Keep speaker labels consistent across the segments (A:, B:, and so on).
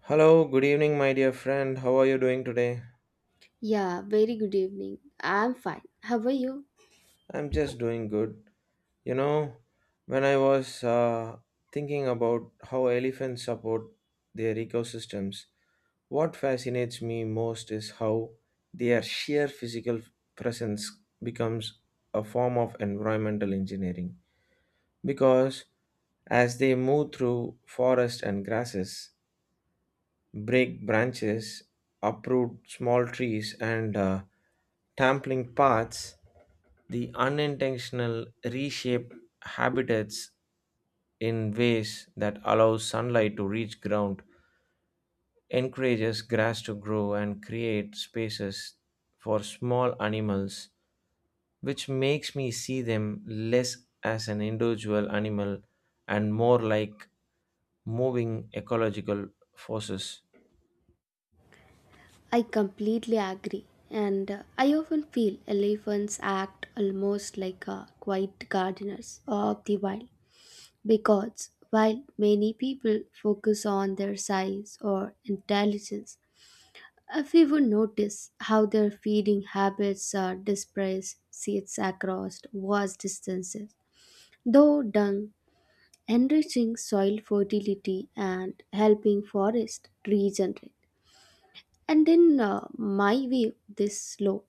A: Hello, good evening, my dear friend. How are you doing today?
B: Yeah, very good evening. I'm fine. How are you?
A: I'm just doing good. You know, when I was thinking about how elephants support their ecosystems, what fascinates me most is how their sheer physical presence becomes a form of environmental engineering. Because as they move through forests and grasses, break branches, uproot small trees, and trampling paths, the unintentional reshape habitats in ways that allow sunlight to reach ground, encourages grass to grow, and create spaces for small animals, which makes me see them less as an individual animal and more like moving ecological forces.
B: I completely agree. And I often feel elephants act almost like quiet gardeners of the wild because while many people focus on their size or intelligence, we would notice how their feeding habits are dispersed seeds across vast distances. Though dung enriching soil fertility and helping forest regenerate. My view, this slow,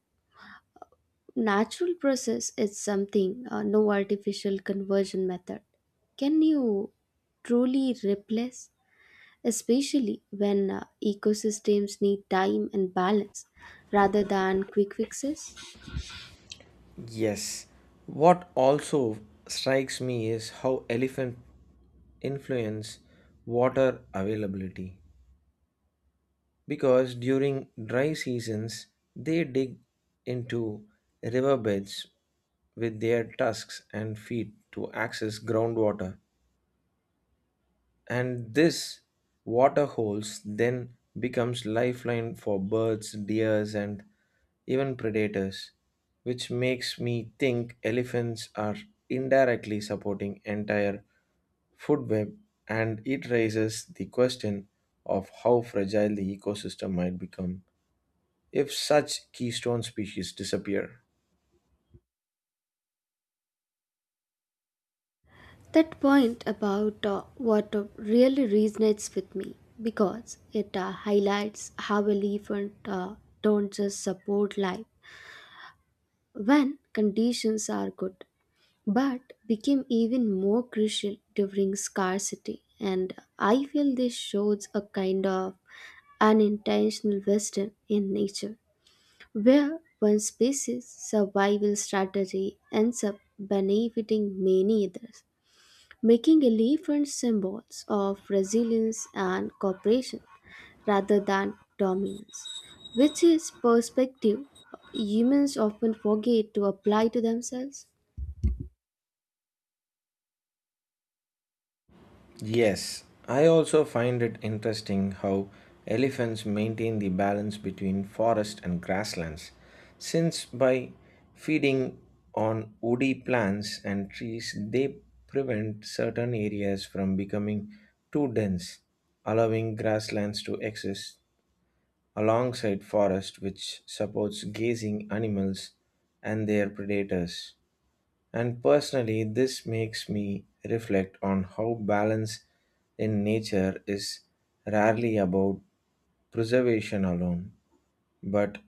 B: natural process is something, no artificial conversion method can you truly replace, especially when ecosystems need time and balance rather than quick fixes?
A: Yes. What also strikes me is how elephant influence water availability because during dry seasons they dig into riverbeds with their tusks and feet to access groundwater, and this water holes then becomes lifeline for birds, deers, and even predators, which makes me think elephants are indirectly supporting entire food web, and it raises the question of how fragile the ecosystem might become if such keystone species disappear.
B: That point about water really resonates with me because it highlights how elephants don't just support life when conditions are good but became even more crucial during scarcity. And I feel this shows a kind of unintentional wisdom in nature, where one species' survival strategy ends up benefiting many others, making elephants symbols of resilience and cooperation rather than dominance, which is perspective humans often forget to apply to themselves.
A: Yes, I also find it interesting how elephants maintain the balance between forest and grasslands, since by feeding on woody plants and trees, they prevent certain areas from becoming too dense, allowing grasslands to exist alongside forest, which supports grazing animals and their predators. And personally, this makes me reflect on how balance in nature is rarely about preservation alone, but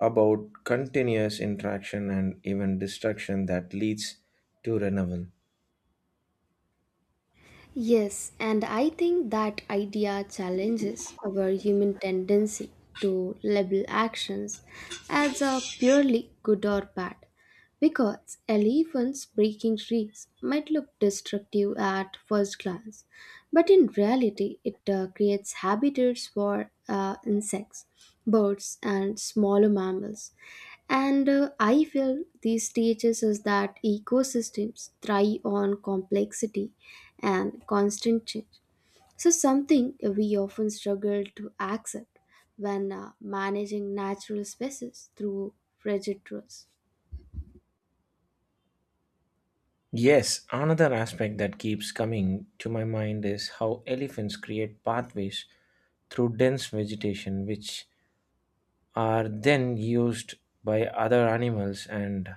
A: about continuous interaction and even destruction that leads to renewal.
B: Yes, and I think that idea challenges our human tendency to label actions as a purely good or bad, because elephants breaking trees might look destructive at first glance, but in reality, it creates habitats for insects, birds, and smaller mammals and I feel these teaches us that ecosystems thrive on complexity and constant change. So, something we often struggle to accept when managing natural spaces through rigid rules.
A: Yes, another aspect that keeps coming to my mind is how elephants create pathways through dense vegetation, which are then used by other animals and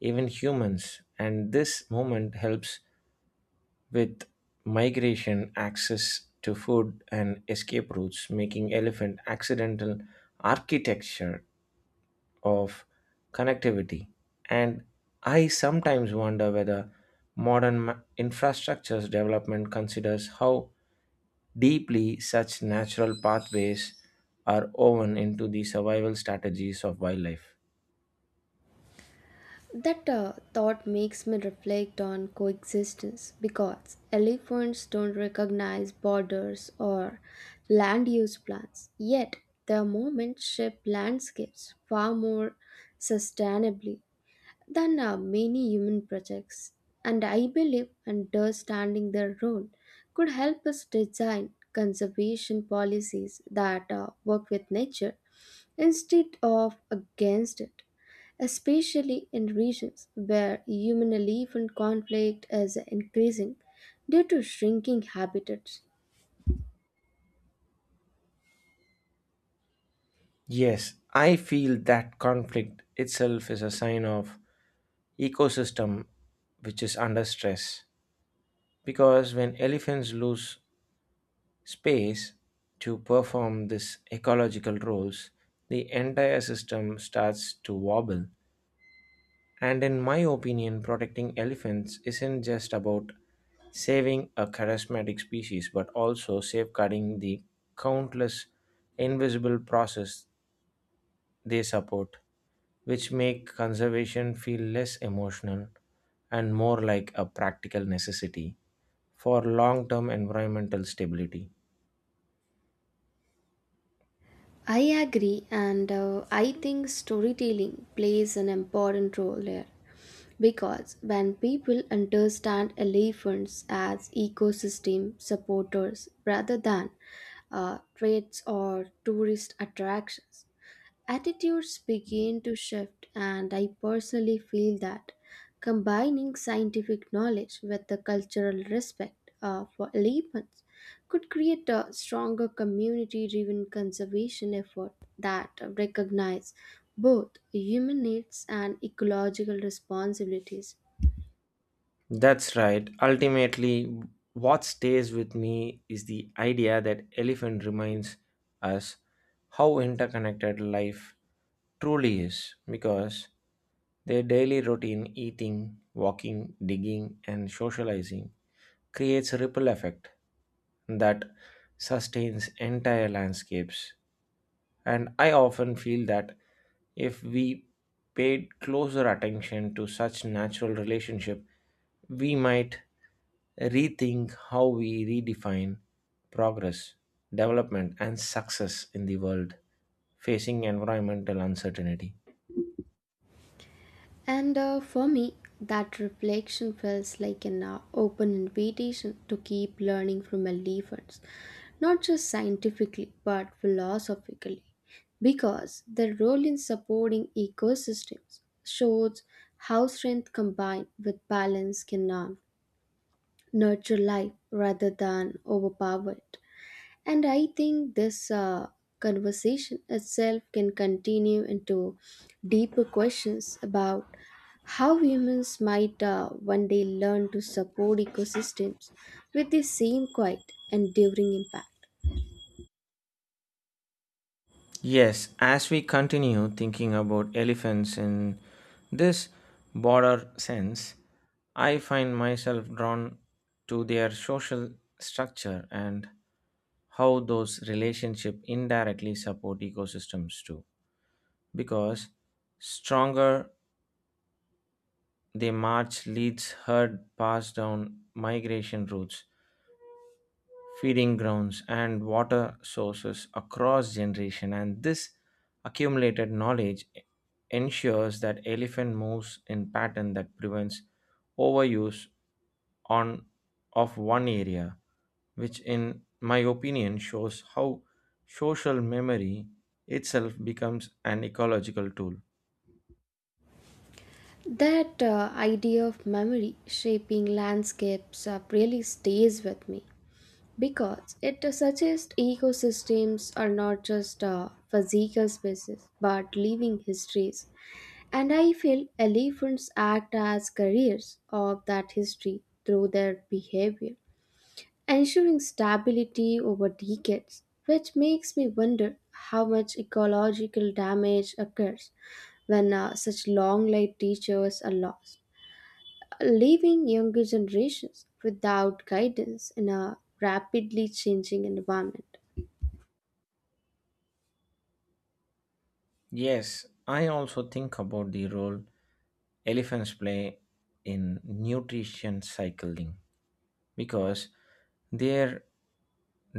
A: even humans, and this movement helps with migration, access to food, and escape routes, making elephant accidental architecture of connectivity. And I sometimes wonder whether modern infrastructures development considers how deeply such natural pathways are woven into the survival strategies of wildlife.
B: That thought makes me reflect on coexistence because elephants don't recognize borders or land use plans, yet, their movements shape landscapes far more sustainably than many human projects. And I believe understanding their role could help us design conservation policies that work with nature instead of against it, especially in regions where human elephant conflict is increasing due to shrinking habitats.
A: Yes, I feel that conflict itself is a sign of ecosystem which is under stress because when elephants lose space to perform these ecological roles, the entire system starts to wobble. And in my opinion, protecting elephants isn't just about saving a charismatic species but also safeguarding the countless invisible process they support, which make conservation feel less emotional and more like a practical necessity for long-term environmental stability.
B: I agree, and I think storytelling plays an important role here because when people understand elephants as ecosystem supporters rather than threats or tourist attractions, attitudes begin to shift, and I personally feel that combining scientific knowledge with the cultural respect for elephants could create a stronger community driven conservation effort that recognize both human needs and ecological responsibilities.
A: That's right. Ultimately, what stays with me is the idea that elephant reminds us how interconnected life truly is because their daily routine eating, walking, digging and socializing creates a ripple effect that sustains entire landscapes. And I often feel that if we paid closer attention to such natural relationship, we might rethink how we redefine progress, development, and success in the world facing environmental uncertainty.
B: And for me, that reflection feels like an open invitation to keep learning from elephants, not just scientifically but philosophically, because their role in supporting ecosystems shows how strength combined with balance can nurture life rather than overpower it. And I think this conversation itself can continue into deeper questions about how humans might one day learn to support ecosystems with the same quiet, enduring impact.
A: Yes, as we continue thinking about elephants in this broader sense, I find myself drawn to their social structure and how those relationships indirectly support ecosystems too. Because stronger the march leads herd pass down migration routes, feeding grounds, and water sources across generation, and this accumulated knowledge ensures that elephant moves in pattern that prevents overuse on of one area, which in my opinion shows how social memory itself becomes an ecological tool.
B: That idea of memory shaping landscapes really stays with me because it suggests ecosystems are not just physical spaces but living histories. And I feel elephants act as carriers of that history through their behavior, ensuring stability over decades, which makes me wonder how much ecological damage occurs when such long-lived teachers are lost, leaving younger generations without guidance in a rapidly changing environment.
A: Yes, I also think about the role elephants play in nutrition cycling because their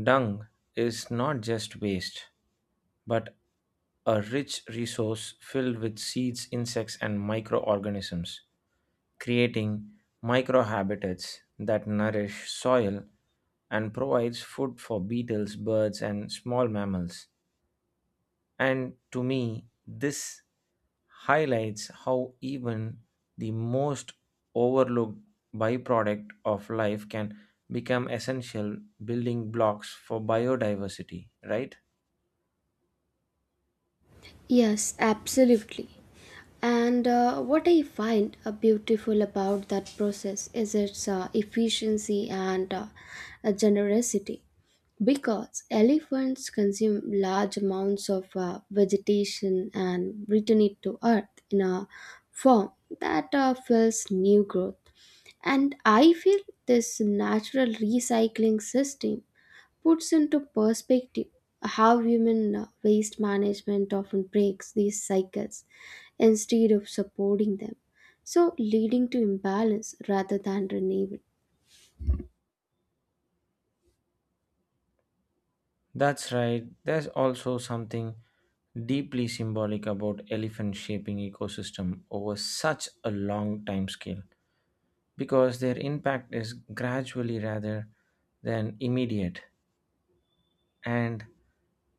A: dung is not just waste, but a rich resource filled with seeds, insects, and microorganisms, creating microhabitats that nourish soil and provides food for beetles, birds, and small mammals. And to me, this highlights how even the most overlooked byproduct of life can become essential building blocks for biodiversity, right?
B: Yes, absolutely. And what I find beautiful about that process is its efficiency and generosity. Because elephants consume large amounts of vegetation and return it to earth in a form that fuels new growth. And I feel this natural recycling system puts into perspective how human waste management often breaks these cycles instead of supporting them, so leading to imbalance rather than renewal.
A: That's right. There's also something deeply symbolic about elephant shaping ecosystem over such a long time scale because their impact is gradually rather than immediate. And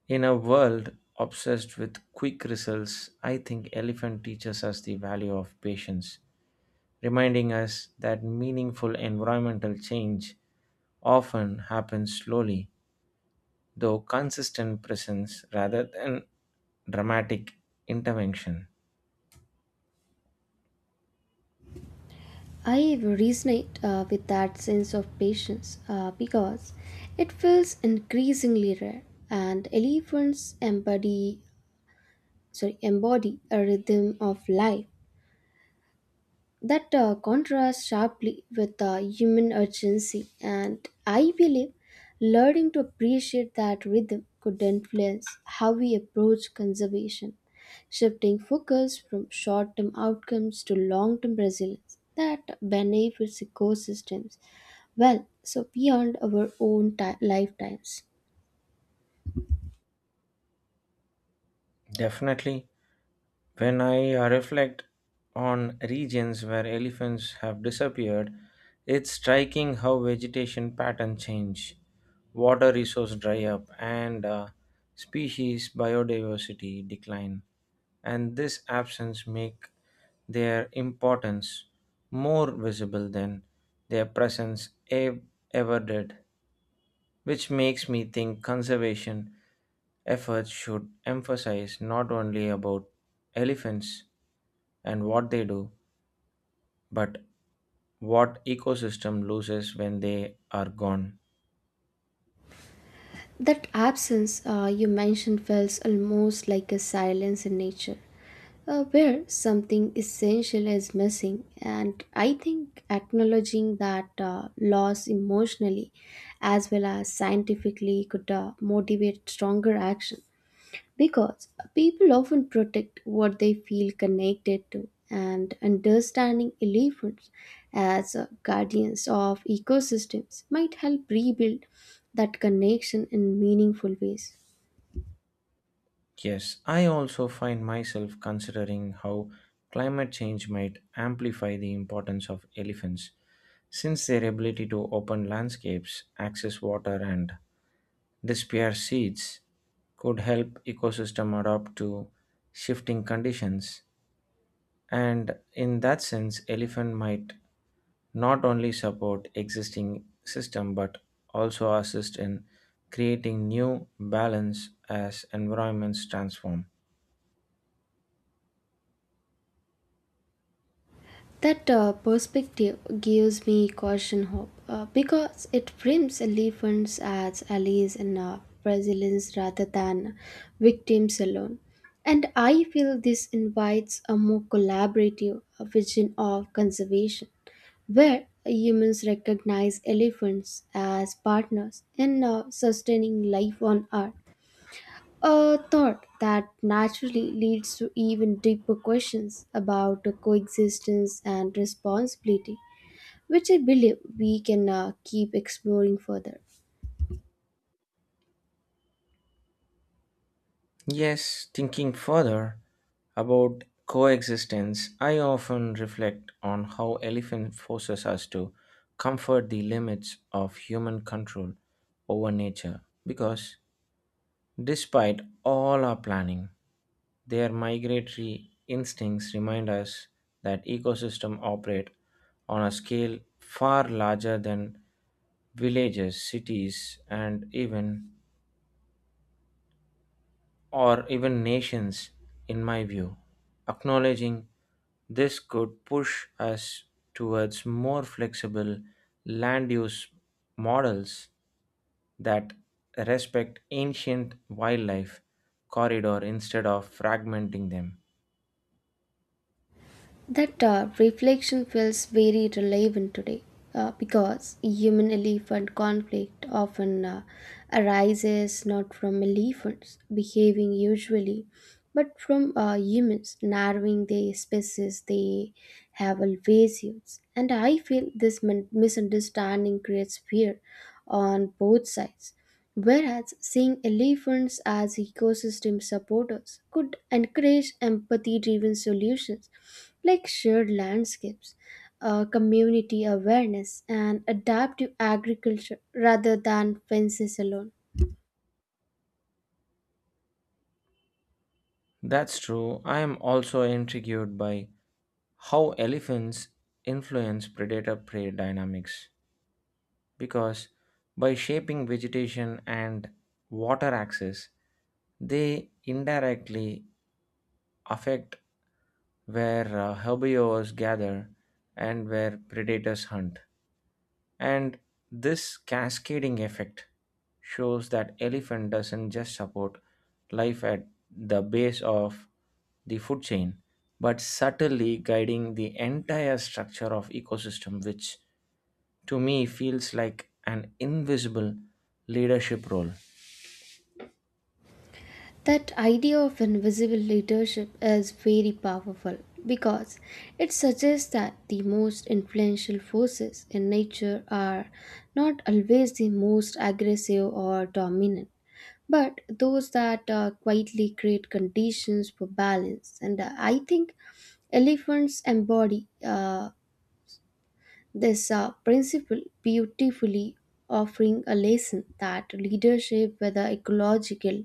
A: in a world obsessed with quick results, I think elephant teaches us the value of patience, reminding us that meaningful environmental change often happens slowly, though consistent presence rather than dramatic intervention.
B: I resonate with that sense of patience because it feels increasingly rare, and elephants embody sorry embody a rhythm of life that contrasts sharply with human urgency, and I believe learning to appreciate that rhythm could influence how we approach conservation, shifting focus from short term outcomes to long term resilience that benefits ecosystems well, so beyond our own lifetimes.
A: Definitely, when I reflect on regions where elephants have disappeared, it's striking how vegetation pattern change, water resource dry up, and species biodiversity decline. And this absence make their importance more visible than their presence ever did, which makes me think conservation efforts should emphasize not only about elephants and what they do, but what ecosystem loses when they are gone.
B: That absence you mentioned feels almost like a silence in nature where something essential is missing. And I think acknowledging that loss emotionally as well as scientifically could motivate stronger action because people often protect what they feel connected to. And understanding elephants as guardians of ecosystems might help rebuild that connection in meaningful ways.
A: Yes, I also find myself considering how climate change might amplify the importance of elephants, since their ability to open landscapes, access water, and disperse seeds could help ecosystem adapt to shifting conditions, and in that sense elephant might not only support existing system but also assist in creating new balance as environments transform.
B: That perspective gives me caution hope because it frames elephants as allies and Brazilians rather than victims alone. And I feel this invites a more collaborative vision of conservation where humans recognize elephants as partners in sustaining life on Earth. A thought that naturally leads to even deeper questions about the coexistence and responsibility, which I believe we can keep exploring further.
A: Yes, thinking further about coexistence, I often reflect on how elephant forces us to comfort the limits of human control over nature because despite all our planning, their migratory instincts remind us that ecosystems operate on a scale far larger than villages, cities, and even or even nations. In my view, acknowledging this could push us towards more flexible land use models that respect ancient wildlife corridor instead of fragmenting them.
B: That reflection feels very relevant today because human elephant conflict often arises not from elephants behaving usually, but from humans narrowing the spaces they have always used. And I feel this misunderstanding creates fear on both sides. Whereas seeing elephants as ecosystem supporters could encourage empathy driven solutions like shared landscapes, community awareness, and adaptive agriculture rather than fences alone.
A: That's true. I am also intrigued by how elephants influence predator prey dynamics because by shaping vegetation and water access, they indirectly affect where herbivores gather and where predators hunt. And this cascading effect shows that elephant doesn't just support life at the base of the food chain, but subtly guiding the entire structure of ecosystem, which to me feels like an invisible leadership role.
B: That idea of invisible leadership is very powerful because it suggests that the most influential forces in nature are not always the most aggressive or dominant but those that quietly create conditions for balance. And I think elephants embody this principle beautifully, offering a lesson that leadership, whether ecological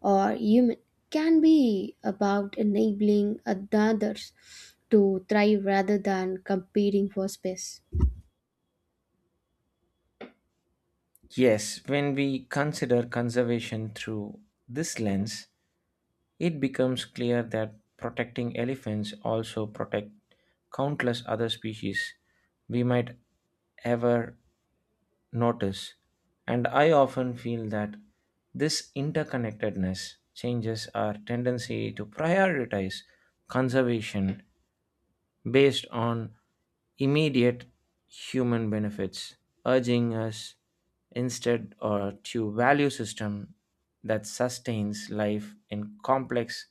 B: or human, can be about enabling others to thrive rather than competing for space.
A: Yes, when we consider conservation through this lens, it becomes clear that protecting elephants also protect countless other species we might ever notice, and I often feel that this interconnectedness changes our tendency to prioritize conservation based on immediate human benefits, urging us instead or to value system that sustains life in complex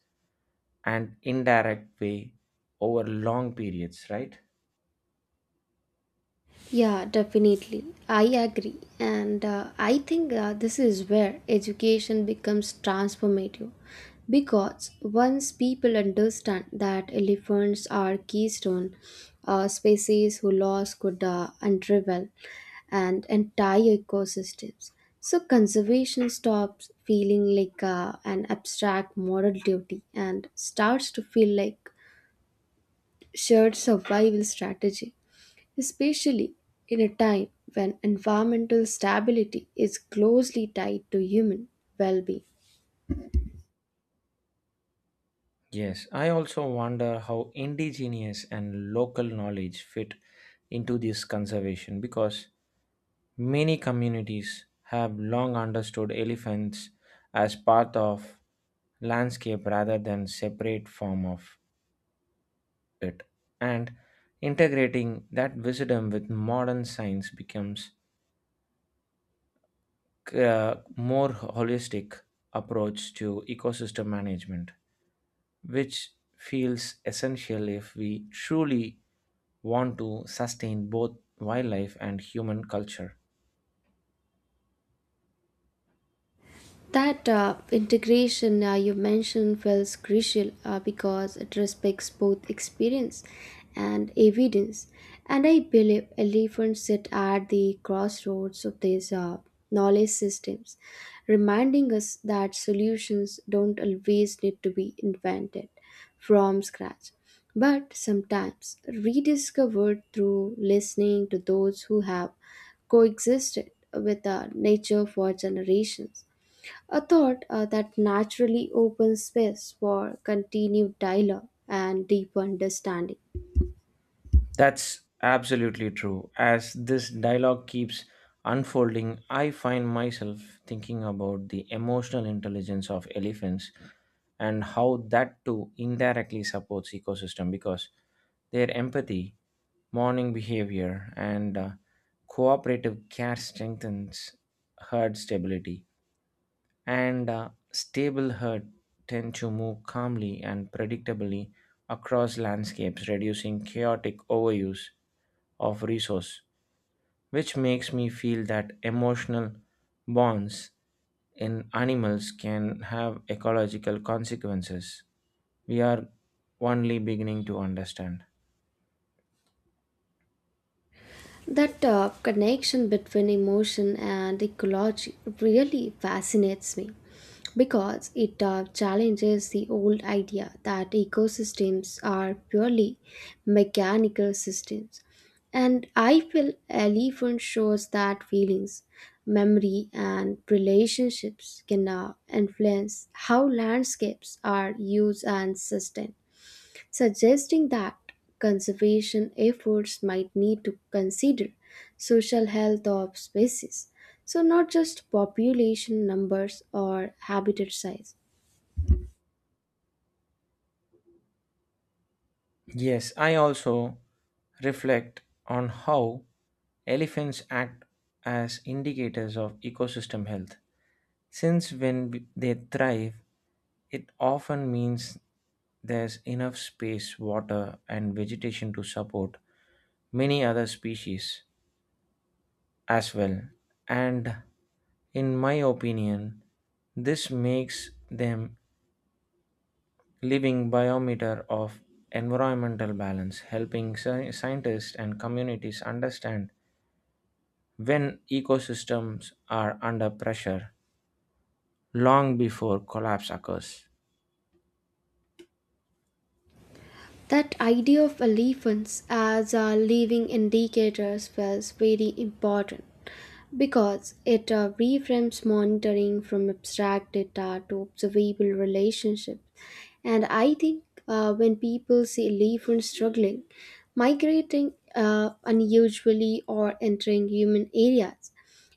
A: and indirect way over long periods, right?
B: Yeah, definitely. I agree. And I think this is where education becomes transformative. Because once people understand that elephants are keystone species who loss could unravel and entire ecosystems, so conservation stops feeling like an abstract moral duty and starts to feel like shared survival strategy especially in a time when environmental stability is closely tied to human well being.
A: Yes, I also wonder how indigenous and local knowledge fit into this conservation because many communities have long understood elephants as part of landscape rather than separate form of it, and integrating that wisdom with modern science becomes more holistic approach to ecosystem management, which feels essential if we truly want to sustain both wildlife and human culture.
B: That integration you mentioned feels crucial because it respects both experience and evidence. And I believe elephants sit at the crossroads of these knowledge systems, reminding us that solutions don't always need to be invented from scratch, but sometimes rediscovered through listening to those who have coexisted with nature for generations. A thought that naturally opens space for continued dialogue and deeper understanding.
A: That's absolutely true. As this dialogue keeps unfolding, I find myself thinking about the emotional intelligence of elephants and how that too indirectly supports ecosystem because their empathy, mourning behavior, and cooperative care strengthens herd stability. And stable herd tend to move calmly and predictably across landscapes, reducing chaotic overuse of resource, which makes me feel that emotional bonds in animals can have ecological consequences we are only beginning to understand.
B: That connection between emotion and ecology really fascinates me, because it challenges the old idea that ecosystems are purely mechanical systems. And I feel elephant shows that feelings, memory, and relationships can influence how landscapes are used and sustained, suggesting that conservation efforts might need to consider social health of species, so not just population numbers or habitat size.
A: Yes, I also reflect on how elephants act as indicators of ecosystem health. Since when they thrive, it often means there's enough space, water, and vegetation to support many other species as well. And in my opinion, this makes them living biometer of environmental balance, helping scientists and communities understand when ecosystems are under pressure long before collapse occurs.
B: That idea of elephants as living indicators was very important because it reframes monitoring from abstract data to observable relationships. And I think when people see elephants struggling, migrating unusually, or entering human areas,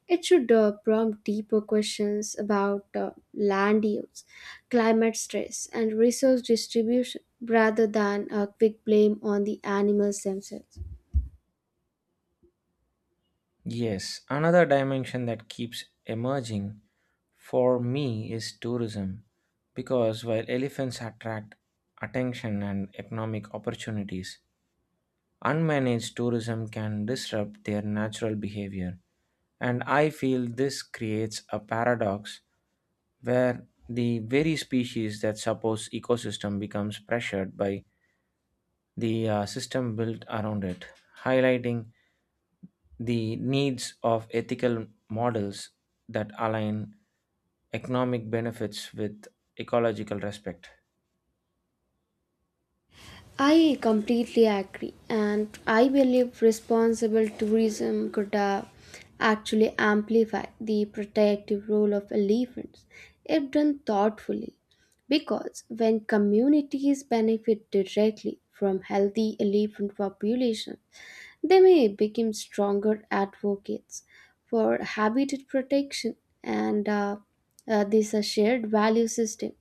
B: it should prompt deeper questions about land use, climate stress, and resource distribution rather than a quick blame on the animals themselves.
A: Yes, another dimension that keeps emerging for me is tourism, because while elephants attract attention and economic opportunities, unmanaged tourism can disrupt their natural behavior. And I feel this creates a paradox where the very species that supports ecosystem becomes pressured by the system built around it, highlighting the needs of ethical models that align economic benefits with ecological respect.
B: I completely agree, and I believe responsible tourism could actually amplify the protective role of elephants if done thoughtfully. Because when communities benefit directly from healthy elephant populations, they may become stronger advocates for habitat protection and this shared value system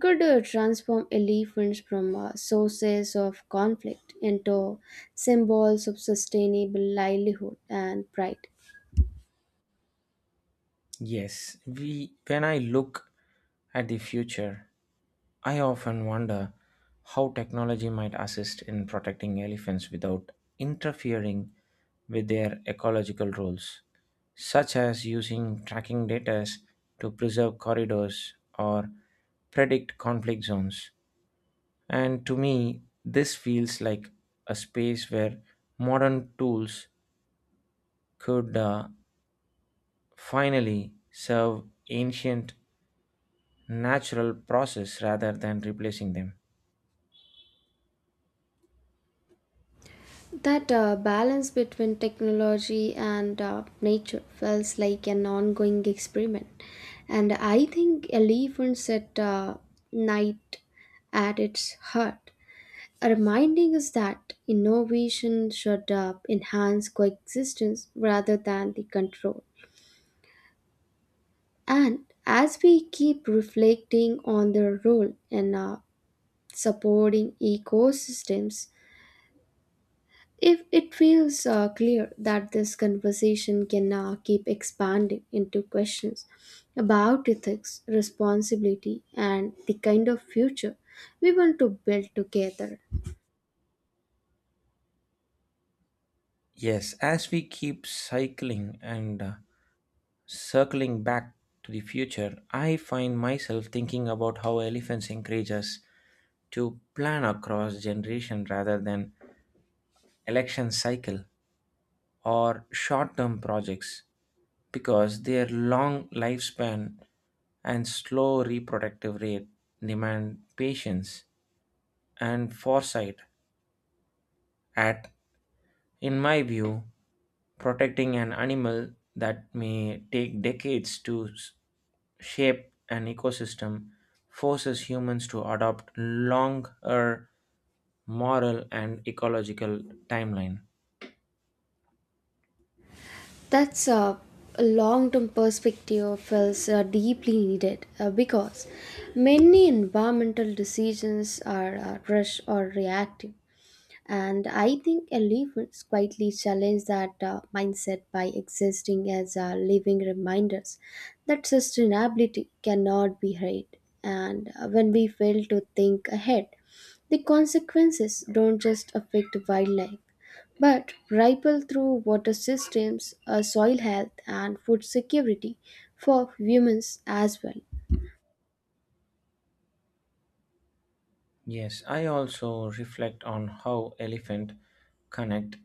B: could transform elephants from sources of conflict into symbols of sustainable livelihood and pride.
A: Yes, we when I look at the future, I often wonder how technology might assist in protecting elephants without interfering with their ecological roles, such as using tracking data to preserve corridors or predict conflict zones. And to me, this feels like a space where modern tools could finally serve ancient natural process rather than replacing them.
B: That balance between technology and nature feels like an ongoing experiment. And I think elephants at night at its heart, reminding us that innovation should enhance coexistence rather than the control. And as we keep reflecting on their role in supporting ecosystems, if it feels clear that this conversation can keep expanding into questions about ethics, responsibility, and the kind of future we want to build together.
A: Yes, as we keep cycling and circling back to the future, I find myself thinking about how elephants encourage us to plan across generation rather than election cycle or short term projects because their long lifespan and slow reproductive rate demand patience and foresight. At in my view, protecting an animal that may take decades to shape an ecosystem forces humans to adopt longer moral and ecological timeline.
B: That's a long-term perspective feels deeply needed because many environmental decisions are rushed or reactive. And I think elephants quietly challenge that mindset by existing as living reminders that sustainability cannot be hurried. And when we fail to think ahead, the consequences don't just affect wildlife, but ripple through water systems, soil health, and food security for humans as well.
A: Yes, I also reflect on how elephant connect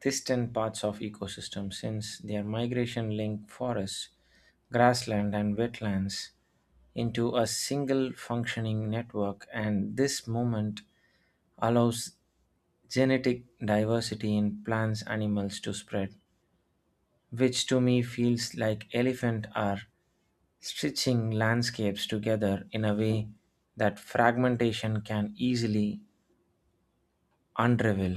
A: distant parts of ecosystem since their migration link forests, grassland and wetlands into a single functioning network, and this movement allows genetic diversity in plants animals to spread, which to me feels like elephant are stitching landscapes together in a way that fragmentation can easily unravel.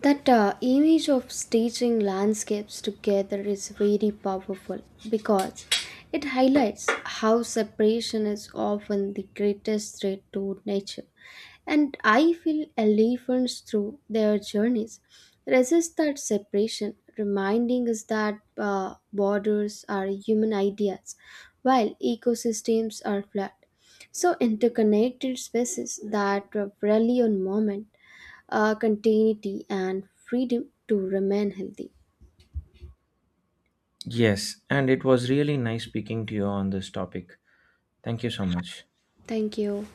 B: That image of staging landscapes together is very powerful because it highlights how separation is often the greatest threat to nature. And I feel elephants through their journeys resist that separation, reminding us that borders are human ideas while ecosystems are flat. So interconnected spaces that rely on moment continuity, and freedom to remain healthy.
A: Yes, and it was really nice speaking to you on this topic. Thank you so much.
B: Thank you.